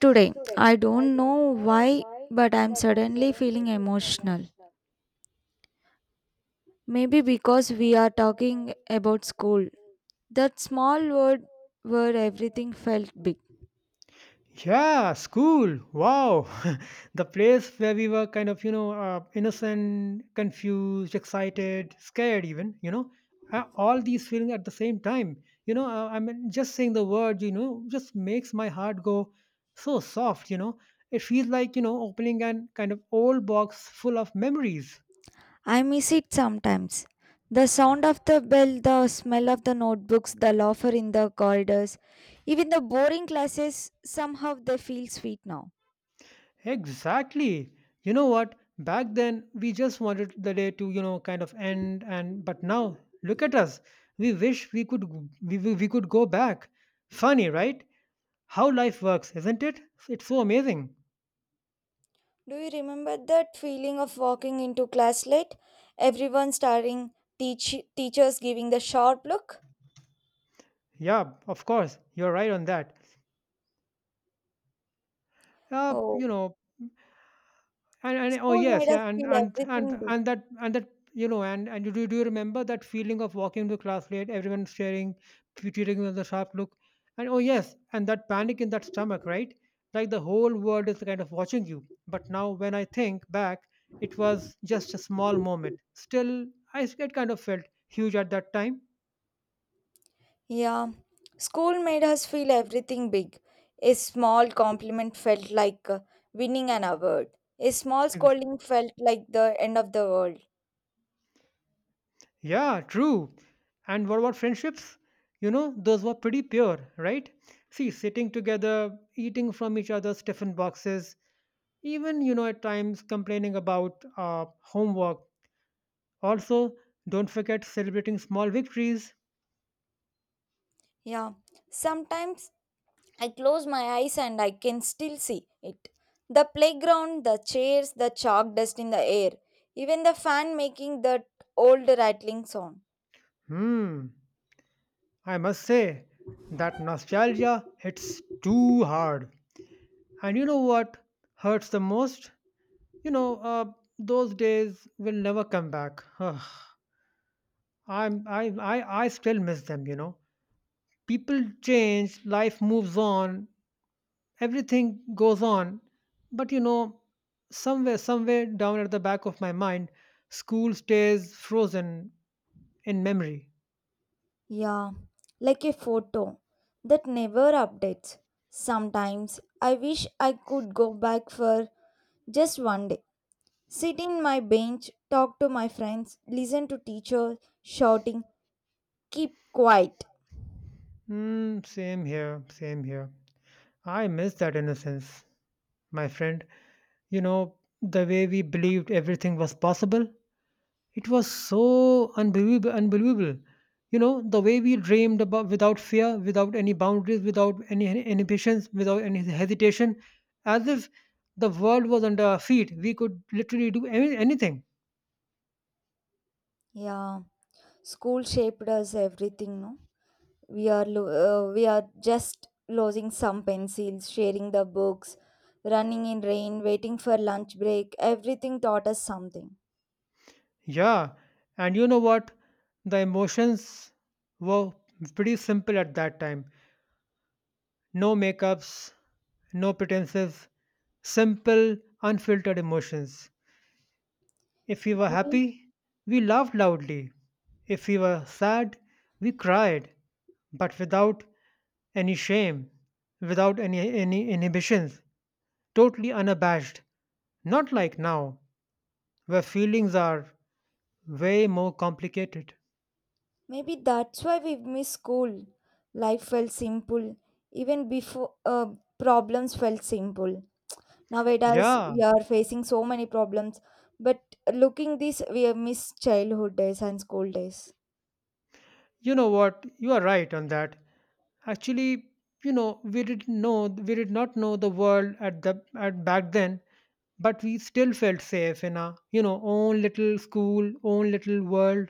Today, I don't know why, but I'm suddenly feeling emotional. Maybe because we are talking about school, that small world where everything felt big. Yeah, school. Wow. The place where we were kind of, innocent, confused, excited, scared, even, all these feelings at the same time. I mean, just saying the word, just makes my heart go so soft. It feels like opening an kind of old box full of memories. I miss it sometimes. The sound of the bell, the smell of the notebooks, the laughter in the corridors, even the boring classes, somehow they feel sweet now. Exactly. You know what? Back then, we just wanted the day to, kind of end and but now look at us. We wish we could g- we could go back. Funny, right? How life works, isn't it? It's so amazing. Do you remember that feeling of walking into class late? Everyone staring, teachers giving the sharp look? Yeah, of course. You're right on that. Uh, Oh, you know, and oh, school yes, made us yeah, and feel and and everything big. and that, you know and do you remember that feeling of walking to class late, everyone staring, treating you with a sharp look? And oh, yes, and that panic in that stomach, right? Like the whole world is kind of watching you. But now when I think back, it was just a small moment. Still, it kind of felt huge at that time. Yeah, school made us feel everything big. A small compliment felt like winning an award. A small scolding felt like the end of the world. Yeah, true. And what about friendships? Those were pretty pure, right? See, sitting together, eating from each other's tiffin boxes, even, at times complaining about homework. Also, don't forget celebrating small victories. Yeah, sometimes I close my eyes and I can still see it. The playground, the chairs, the chalk dust in the air, even the fan making that old rattling sound. Hmm, I must say, that nostalgia hits too hard. And you know what hurts the most? You know, uh, those days will never come back. Ugh. I still miss them. People change. Life moves on. Everything goes on. But, somewhere down at the back of my mind, school stays frozen in memory. Yeah, like a photo that never updates. Sometimes I wish I could go back for just one day. Sit in my bench, talk to my friends, listen to teachers shouting, keep quiet. Mm, same here, same here. I miss that innocence, my friend. You know, the way we believed everything was possible. It was so unbelievable, unbelievable. You know, the way we dreamed about without fear, without any boundaries, without any inhibitions, without any hesitation, as if the world was under our feet. We could literally do anything. Yeah, school shaped us everything, no? We are just losing some pencils, sharing the books, running in rain, waiting for lunch break. Everything taught us something. Yeah. And you know what? The emotions were pretty simple at that time. No makeups, no pretenses, simple, unfiltered emotions. If we were Maybe happy, we laughed loudly. If we were sad, we cried, but without any shame, without any inhibitions, totally unabashed. Not like now, where feelings are way more complicated. Maybe that's why we miss school. Life felt simple. Even before problems felt simple. Nowadays Yeah. we are facing so many problems. But looking this we have missed childhood days and school days. You know what? You are right on that. Actually, we did not know the world at back then, but we still felt safe in our, own little school, own little world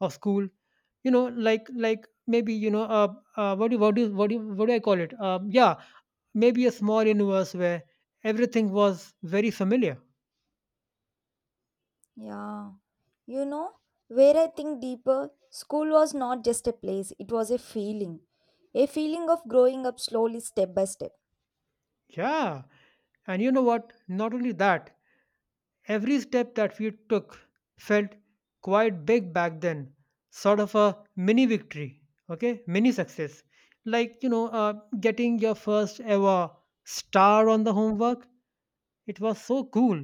of school. Like maybe, what do I call it? Yeah, maybe a small universe where everything was very familiar. Yeah. You know, where I think deeper, school was not just a place, it was a feeling. A feeling of growing up slowly step by step. Yeah, and you know what? Not only that. Every step that we took felt quite big back then, sort of a mini victory, okay, mini success. Like, getting your first ever star on the homework, it was so cool.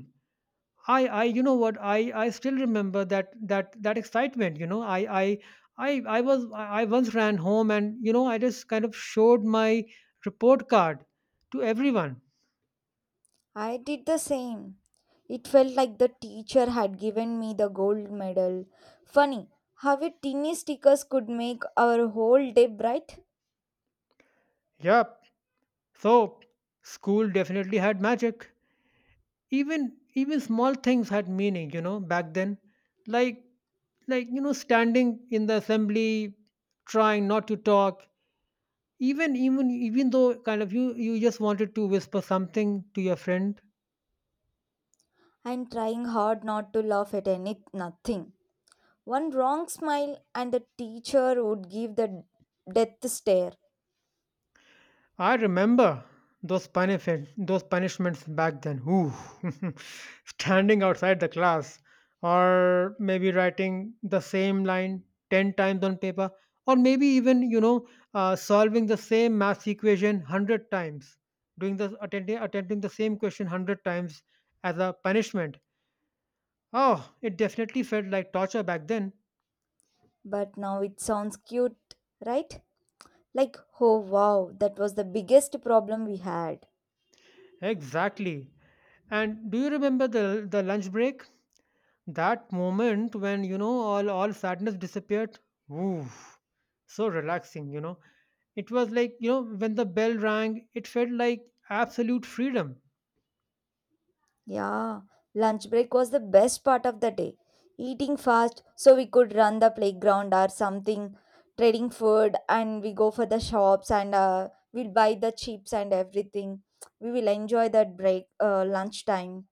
You know what? I still remember that excitement. I was, I once ran home and, I just kind of showed my report card to everyone. I did the same. It felt like the teacher had given me the gold medal. Funny how a teeny stickers could make our whole day bright. Yep. So school definitely had magic. Even small things had meaning, back then. Like like, standing in the assembly, trying not to talk even though kind of you just wanted to whisper something to your friend. I'm trying hard not to laugh at any nothing. One wrong smile and the teacher would give the death stare. I remember those punishments back then. Ooh. Standing outside the class, or maybe writing the same line 10 times on paper, or maybe even solving the same math equation 100 times, doing the attempting the same question 100 times as a punishment. Oh, it definitely felt like torture back then. But now it sounds cute, right? Like, oh wow, that was the biggest problem we had. Exactly. And do you remember the lunch break? That moment when, all sadness disappeared, woo, so relaxing. It was like, when the bell rang, it felt like absolute freedom. Yeah, lunch break was the best part of the day. Eating fast so we could run the playground or something, trading food, and we go for the shops and we'll buy the chips and everything. We will enjoy that break, lunchtime.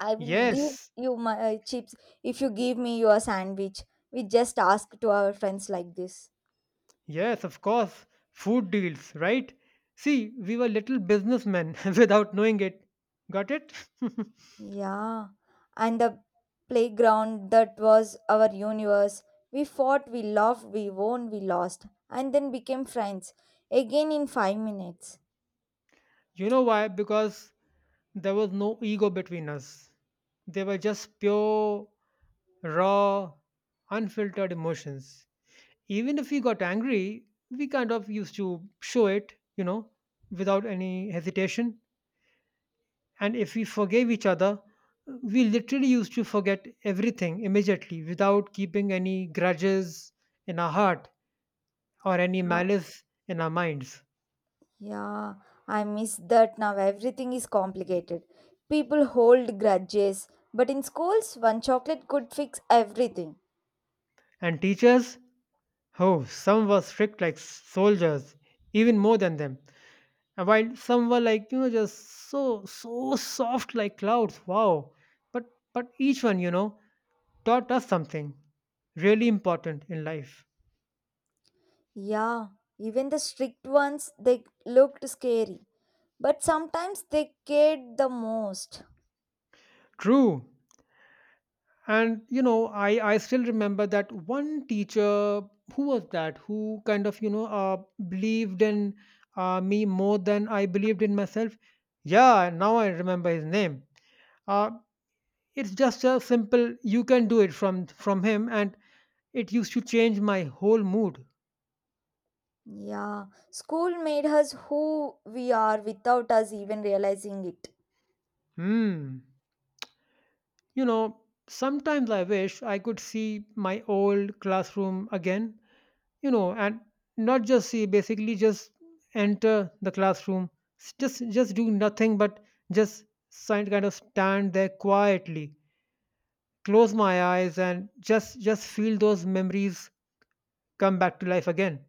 I will Yes, give you my chips if you give me your sandwich. We just ask to our friends like this. yes, of course, food deals, right? See, we were little businessmen without knowing it. Got it? Yeah, and the playground that was our universe. We fought, we loved, we won, we lost, and then became friends again in 5 minutes. You know why? Because there was no ego between us. They were just pure, raw, unfiltered emotions. Even if we got angry, we kind of used to show it, without any hesitation. And if we forgave each other, we literally used to forget everything immediately without keeping any grudges in our heart or any Uh, malice in our minds. Yeah, I miss that now. Everything is complicated. People hold grudges, but in schools, one chocolate could fix everything. And teachers, oh, some were strict like soldiers, even more than them. And while some were like, just so, so soft like clouds, wow. But, but each one, taught us something really important in life. Yeah, even the strict ones, they looked scary, but sometimes they cared the most. True. And, I still remember that 1 teacher who was that who kind of, believed in, me more than I believed in myself. Yeah, now I remember his name. Uh, it's just a simple "you can do it" from him, and it used to change my whole mood. Yeah, school made us who we are without us even realizing it. Hmm. You know, Sometimes I wish I could see my old classroom again, and not just see, basically just enter the classroom, just do nothing but just kind of stand there quietly, close my eyes, and just feel those memories come back to life again.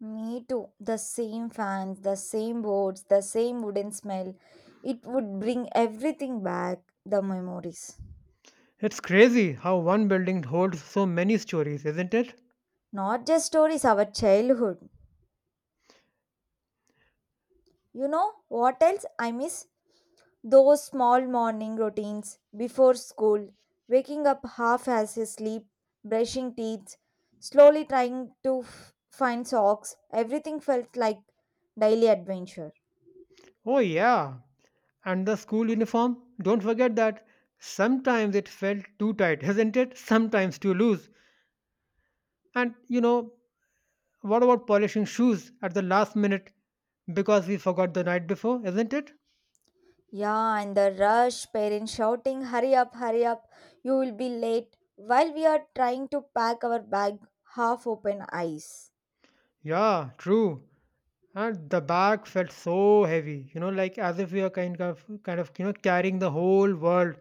Me too. The same fans, the same boards, the same wooden smell. It would bring everything back, the memories. It's crazy how one building holds so many stories, isn't it? Not just stories, our childhood. You know what else I miss? Those small morning routines before school, waking up half as asleep, brushing teeth, slowly find socks, everything felt like daily adventure. Oh yeah, and the school uniform, don't forget that. Sometimes it felt too tight, isn't it, sometimes too loose. And, what about polishing shoes at the last minute because we forgot the night before, isn't it? Yeah, and the rush, parents shouting, hurry up, you will be late, while we are trying to pack our bag, half open eyes. Yeah, true. And the bag felt so heavy, like as if we are kind of, carrying the whole world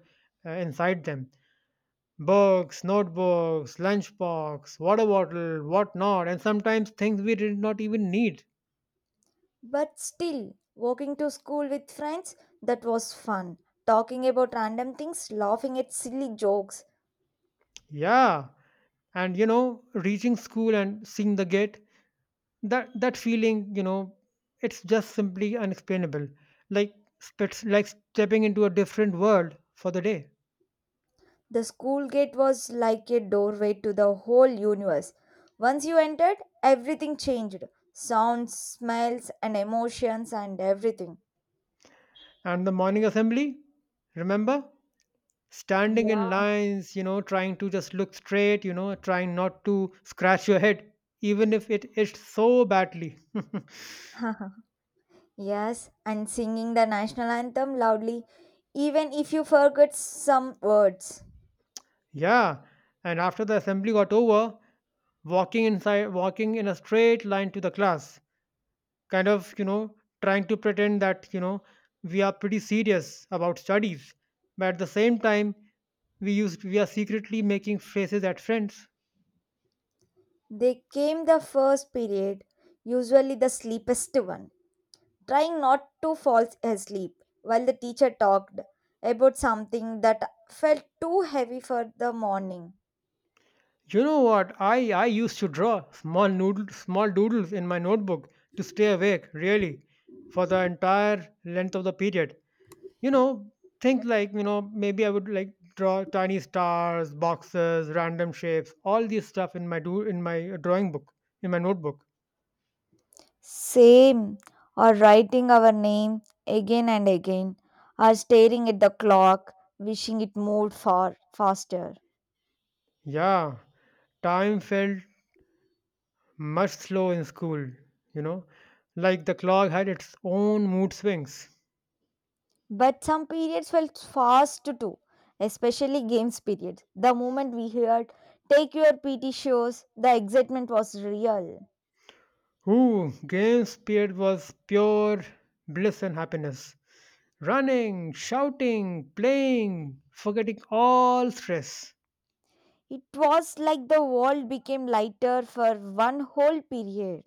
inside them. Books, notebooks, lunchbox, water bottle, whatnot, and sometimes things we did not even need. But still, walking to school with friends, that was fun. Talking about random things, laughing at silly jokes. Yeah, and, reaching school and seeing the gate, that feeling, it's just simply unexplainable. Like, it's like stepping into a different world for the day. The school gate was like a doorway to the whole universe. Once you entered, everything changed sounds, smells, and emotions, and everything. And the morning assembly, remember, standing in Yeah. lines, trying to just look straight, trying not to scratch your head, even if it itched so badly. Yes, and singing the national anthem loudly, even if you forget some words. Yeah, and after the assembly got over, walking inside, walking in a straight line to the class, kind of, trying to pretend that, we are pretty serious about studies, but at the same time we are secretly making faces at friends. They came the first period, usually the sleepiest one, trying not to fall asleep while the teacher talked about something that felt too heavy for the morning. You know what? I used to draw small doodles in my notebook to stay awake, really, for the entire length of the period. you know Things like, maybe I would like draw tiny stars, boxes, random shapes, all this stuff in my do in my drawing book, in my notebook. Same, or writing our name again and again, or staring at the clock, wishing it moved far faster. Yeah, time felt much slow in school, you know, like the clock had its own mood swings. But some periods felt fast too, especially games periods. The moment we heard, take your PT shows, the excitement was real. Ooh, games period was pure bliss and happiness. Running, shouting, playing, forgetting all stress. It was like the world became lighter for one whole period.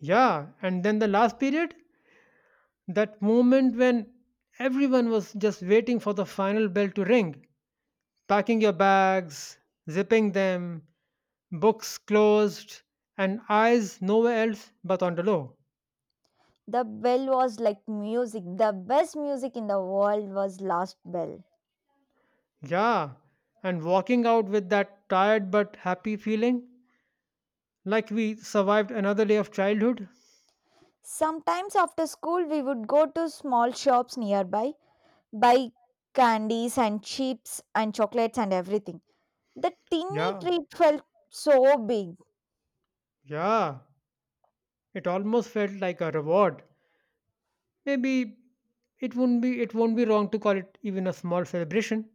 Yeah, and then the last period, that moment when everyone was just waiting for the final bell to ring, packing your bags, zipping them, books closed, and eyes nowhere else but on the low. The bell was like music. The best music in the world was Last Bell. Yeah, and walking out with that tired but happy feeling, like we survived another day of childhood. Sometimes after school, we would go to small shops nearby, buy candies and chips and chocolates and everything. The tinny Yeah, treat felt so big. yeah, it almost felt like a reward. Maybe it won't be wrong to call it even a small celebration.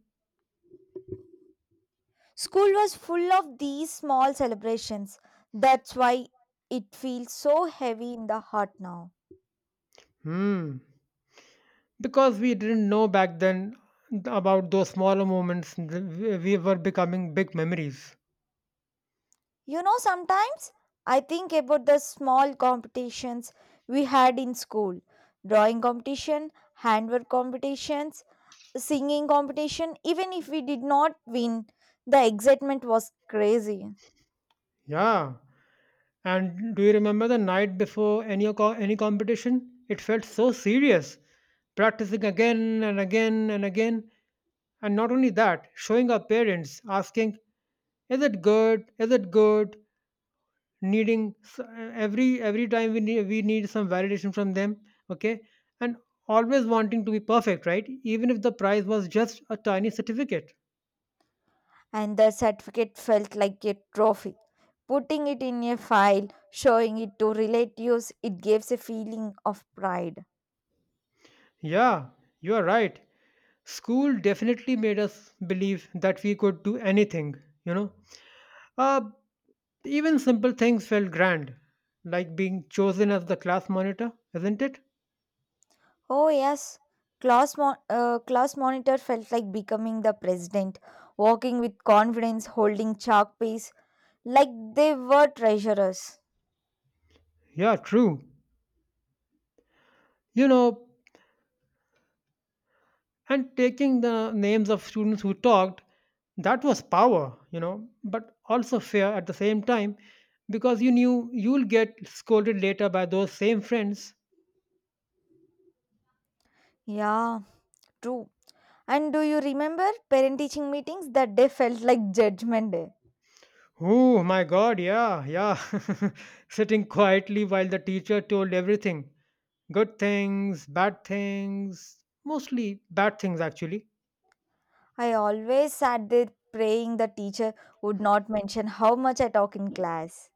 School was full of these small celebrations. That's why it feels so heavy in the heart now. Hmm, because we didn't know back then about those smaller moments, we were becoming big memories. You know, sometimes I think about the small competitions we had in school, drawing competition, handwork competitions, singing competition. Even if we did not win, the excitement was crazy. Yeah. And do you remember the night before any competition? It felt so serious, practicing again and again and again. And not only that, showing our parents, asking, "Is it good? Is it good?" Needing, every time we need some validation from them. Okay, and always wanting to be perfect, right? Even if the prize was just a tiny certificate. And the certificate felt like a trophy. Putting it in a file, showing it to relatives, it gives a feeling of pride. Yeah, you are right. School definitely made us believe that we could do anything, you know. Uh, Even simple things felt grand, like being chosen as the class monitor, isn't it? Oh, yes. Class monitor felt like becoming the president, walking with confidence, holding chalk piece, like they were treasurers. Yeah, true. You know, and taking the names of students who talked, that was power, but also fear at the same time, because you knew you'll get scolded later by those same friends. Yeah, true. And do you remember parent teaching meetings? That day felt like judgment day. Oh my god, yeah, yeah. Sitting quietly while the teacher told everything, good things, bad things, mostly bad things actually. I always sat there praying the teacher would not mention how much I talk in class.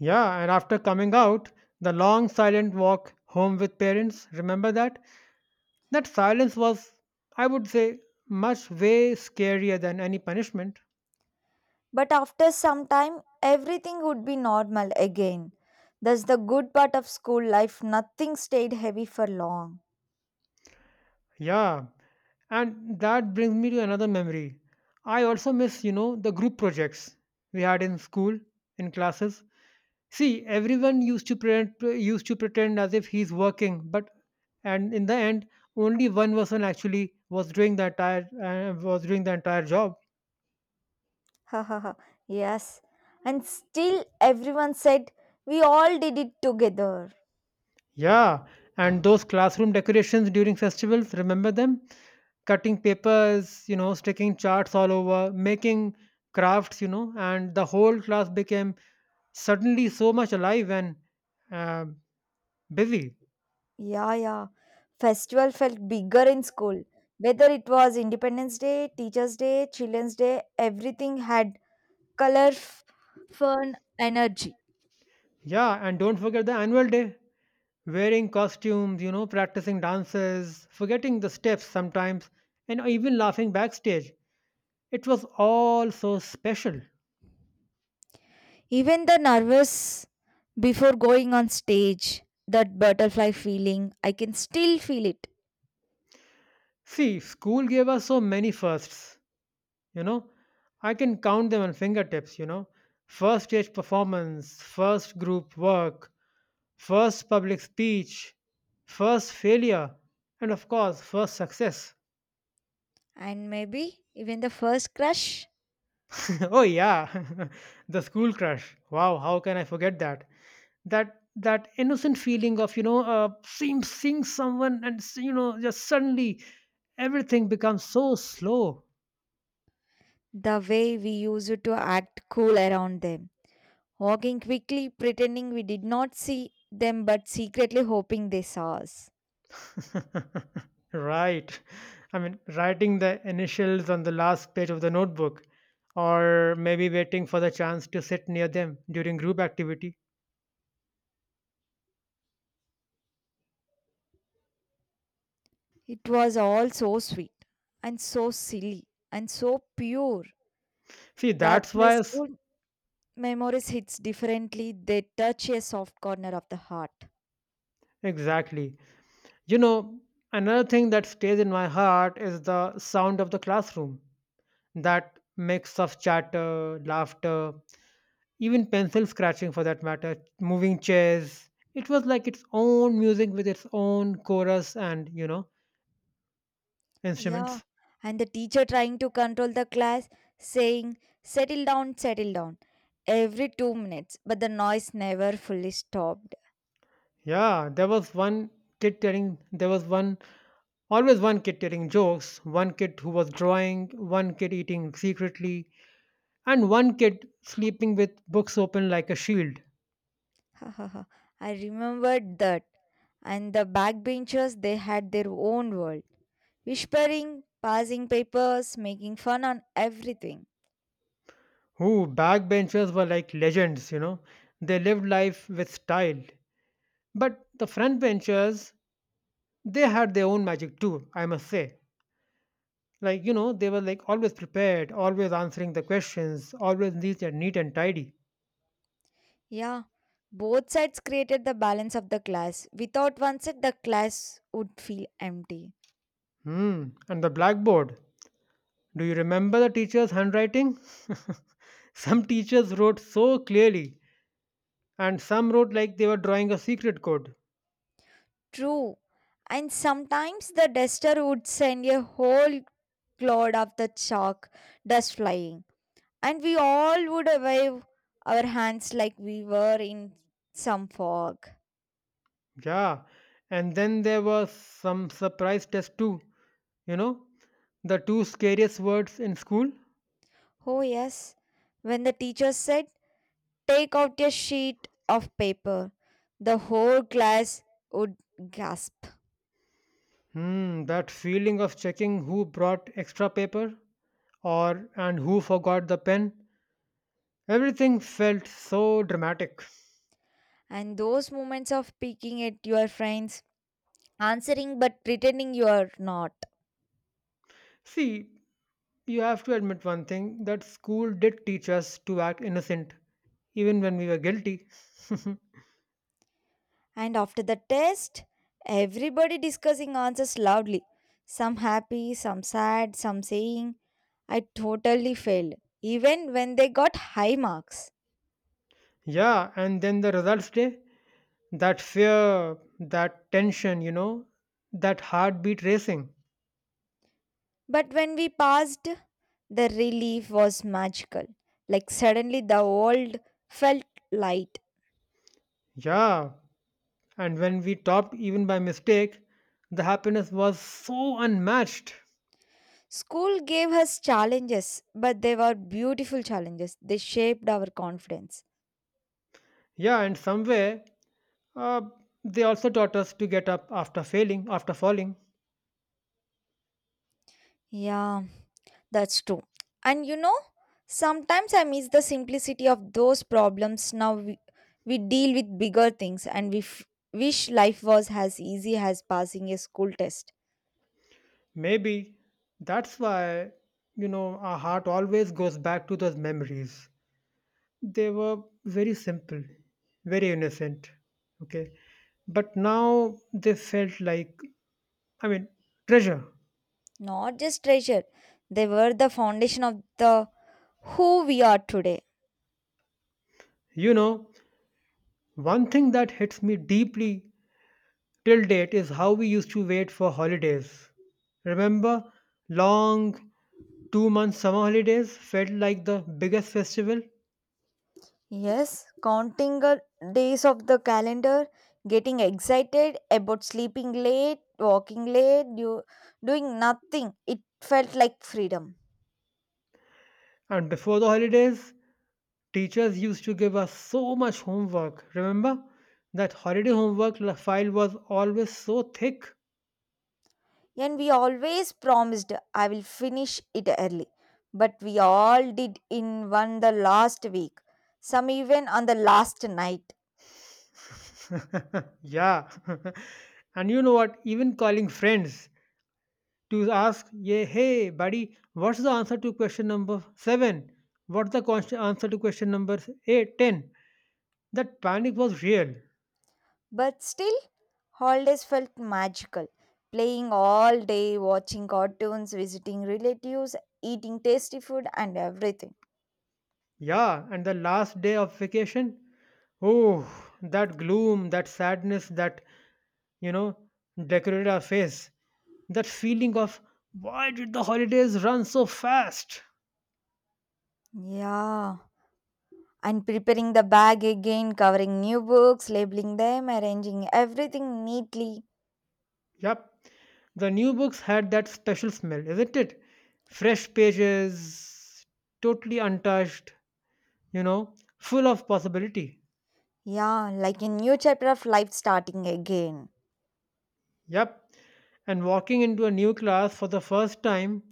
Yeah, and after coming out, the long silent walk home with parents, remember that? That silence was, I would say, much way scarier than any punishment. But after some time, everything would be normal again. That's the good part of school life, nothing stayed heavy for long. Yeah, and that brings me to another memory. I also miss, the group projects we had in school, in classes. See, everyone used to pretend, as if he's working, but and in the end, only one person actually was doing the entire job. Ha ha ha. Yes. And still everyone said we all did it together. Yeah, and those classroom decorations during festivals, remember them? Cutting papers, sticking charts all over, making crafts, and the whole class became suddenly so much alive and uh, busy. Yeah, yeah. Festival felt bigger in school. Whether it was Independence Day, Teachers' Day, Children's Day, everything had color, fun, energy. Yeah, and don't forget the annual day. Wearing costumes, practicing dances, forgetting the steps sometimes, and even laughing backstage. It was all so special. Even the nervous before going on stage, that butterfly feeling, I can still feel it. See, school gave us so many firsts, you know. I can count them on fingertips. First stage performance, first group work, first public speech, first failure, and of course, first success. And maybe even the first crush, Oh, yeah, the school crush. Wow, how can I forget that? That innocent feeling of seeing someone and you know, just suddenly everything becomes so slow. the way we used to act cool around them, walking quickly, pretending we did not see them but secretly hoping they saw us. Right, I mean, writing the initials on the last page of the notebook, or maybe waiting for the chance to sit near them during group activity. It was all so sweet and so silly and so pure. See, that's That's why why school memories hits differently. They touch a soft corner of the heart. exactly, you know, another thing that stays in my heart is the sound of the classroom, that mix of chatter, laughter, even pencil scratching for that matter, moving chairs. It was like its own music with its own chorus and, you know, Yeah, instruments. and the teacher trying to control the class, saying, settle down, settle down, every 2 minutes, but the noise never fully stopped. Yeah, there was one kid telling, there was one, always one kid telling jokes, one kid who was drawing, one kid eating secretly, and one kid sleeping with books open like a shield. I remembered that. And the backbenchers, they had their own world, whispering, passing papers, making fun on everything. Who backbenchers were like legends, you know. They lived life with style. But the frontbenchers, they had their own magic too, I must say. Like, you know, they were like always prepared, always answering the questions, always neat and tidy. Yeah, both sides created the balance of the class. Without one side, the class would feel empty. Hmm. And the blackboard. Do you remember the teacher's handwriting? Some teachers wrote so clearly, and some wrote like they were drawing a secret code. True. And sometimes the duster would send a whole cloud of the chalk dust flying. And we all would wave our hands like we were in some fog. Yeah. And then there was some surprise test too. You know, the two scariest words in school. Oh, yes. When the teacher said, take out a sheet of paper, the whole class would gasp. Hmm, that feeling of checking who brought extra paper or and who forgot the pen. Everything felt so dramatic. And those moments of peeking at your friends, answering but pretending you are not. See, you have to admit one thing, that school did teach us to act innocent, even when we were guilty. And after the test, everybody discussing answers loudly. Some happy, some sad, some saying, I totally failed, even when they got high marks. Yeah, and then the results day, that fear, that tension, you know, that heartbeat racing. But when we passed, the relief was magical. Like suddenly the world felt light. Yeah, and when we topped even by mistake, the happiness was so unmatched. School gave us challenges, but they were beautiful challenges. They shaped our confidence. Yeah, and somewhere, uh, they also taught us to get up after failing, after falling. Yeah, that's true. And you know, sometimes I miss the simplicity of those problems. We deal with bigger things and wish life was as easy as passing a school test. Maybe that's why, you know, our heart always goes back to those memories. They were very simple, very innocent, okay? But now they felt like, I mean, treasure. Not just treasure, they were the foundation of the who we are today. You know, one thing that hits me deeply till date is how we used to wait for holidays. Remember, long 2 month summer holidays felt like the biggest festival, Yes, counting the days of the calendar, getting excited about sleeping late, walking late, doing nothing. It felt like freedom. and before the holidays, teachers used to give us so much homework. Remember? That holiday file was always so thick. And we always promised I will finish it early. But we all did in one the last week, some even on the last night. Yeah. And you know what? Even calling friends to ask, yeah, hey, buddy, what's the answer to question number 7? What's the answer to question number 8, 10? That panic was real. But still, holidays felt magical. Playing all day, watching cartoons, visiting relatives, eating tasty food, and everything. Yeah. And the last day of vacation, oh, that gloom, that sadness, that, you know, decorated our face. That feeling of why did the holidays run so fast? Yeah. And preparing the bag again, covering new books, labeling them, arranging everything neatly. Yep, the new books had that special smell, isn't it? Fresh pages, totally untouched, you know, full of possibility. Yeah, like a new chapter of life starting again. Yep, and walking into a new class for the first time,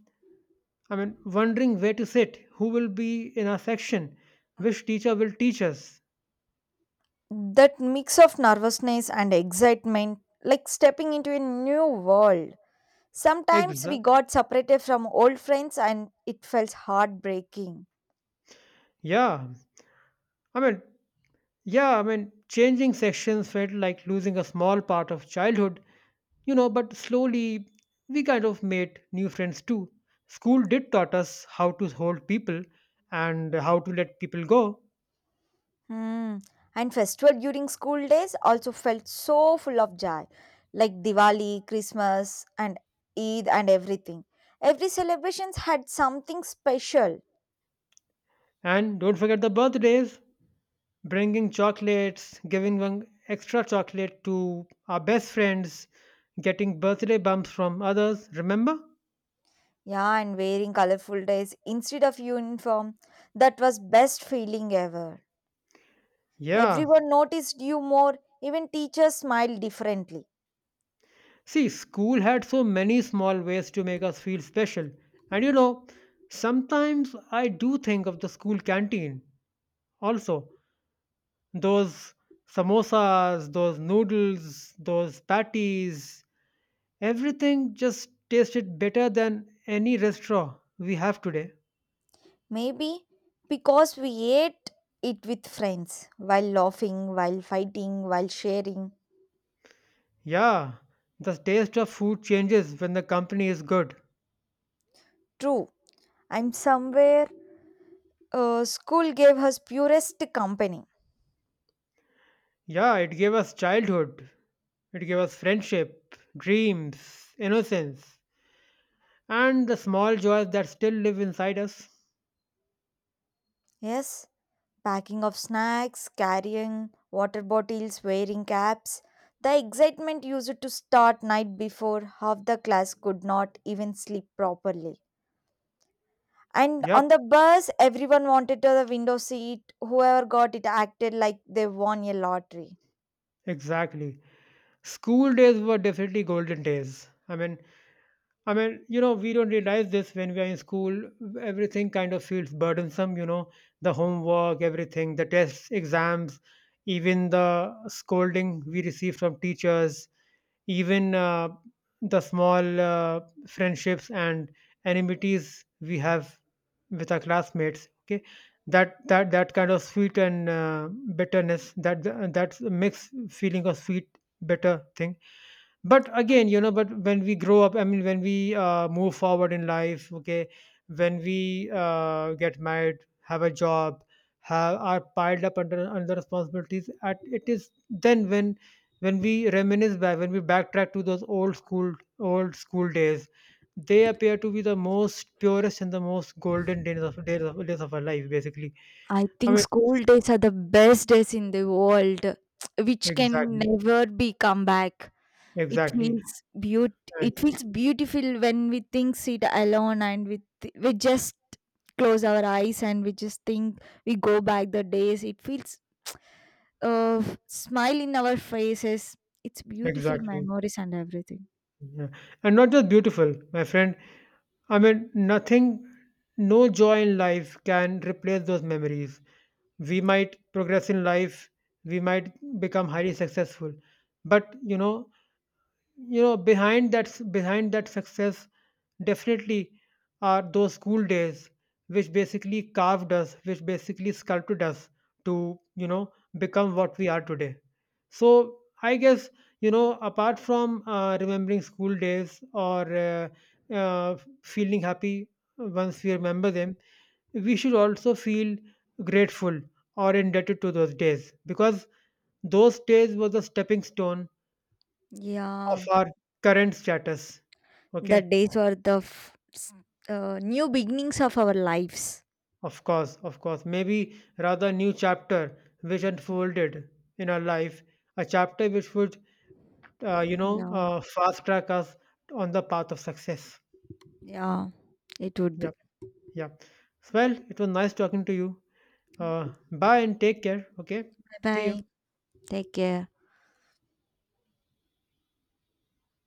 I mean, wondering where to sit, who will be in our section, which teacher will teach us. That mix of nervousness and excitement, like stepping into a new world. Sometimes we Exactly. got separated from old friends and it felt heartbreaking. Yeah, I mean, changing sections felt like losing a small part of childhood, you know, but slowly we kind of made new friends too. School did taught us how to hold people and how to let people go. Hmm. And festival during school days also felt so full of joy, like Diwali, Christmas, and Eid, and everything. Every celebrations had something special. And don't forget the birthdays, bringing chocolates, giving one extra chocolate to our best friends, getting birthday bumps from others, remember? Yeah, and wearing colorful dress instead of uniform, that was best feeling ever. Yeah. Everyone noticed you more, even teachers smiled differently. See, school had so many small ways to make us feel special. And you know, sometimes I do think of the school canteen also. Those samosas, those noodles, those patties, everything just tasted better than any restaurant we have today. Maybe because we ate it with friends while laughing, while fighting, while sharing. Yeah, the taste of food changes when the company is good. True, I'm somewhere. School gave us purest company. Yeah, it gave us childhood, it gave us friendship, dreams, innocence, and the small joys that still live inside us. Yes, packing of snacks, carrying water bottles, wearing caps. The excitement used to start night before half the class could not even sleep properly. And Yep, on the bus, everyone wanted to the window seat. Whoever got it acted like they won a lottery. exactly. School days were definitely golden days. I mean, you know, we don't realize this when we are in school. Everything kind of feels burdensome, you know, the homework, everything, the tests, exams, even the scolding we receive from teachers, even the small friendships and enmities we have with our classmates. Okay, that kind of sweet and bitterness, that mixed feeling of sweet bitter thing. But again, you know, but when we grow up, I mean, when we move forward in life, okay, when we get married, have a job, have are piled up under responsibilities at it is then when we reminisce back, when we backtrack to those old school days, they appear to be the most purest and the most golden days of days of our life basically. I I think mean, school days are the best days in the world, which can exactly never be come back. It exactly, feels beaut. and It feels beautiful when we think sit alone and we just close our eyes and we just think we go back the days. It feels smile in our faces. It's beautiful exactly. memories and everything. Yeah, and not just beautiful, my friend, I mean, nothing, no joy in life can replace those memories. We might progress in life, we might become highly successful, but you know, you know, behind that behind that success, definitely are those school days, which basically carved us, which basically sculpted us to, you know, become what we are today. So, I guess, you know, apart from remembering school days or uh, uh, feeling happy once we remember them, we should also feel grateful or indebted to those days, because those days were the stepping stone of Yeah, our current status. the Okay, days were the f- s- uh, new beginnings of our lives. of course, of course. Maybe rather new chapter which unfolded in our life, a chapter which would, you know, Yeah. Fast track us on the path of success. Yeah, it would be. Yep, yep. Well, it was nice talking to you. Bye and take care. Okay, Bye see bye. you. Take care.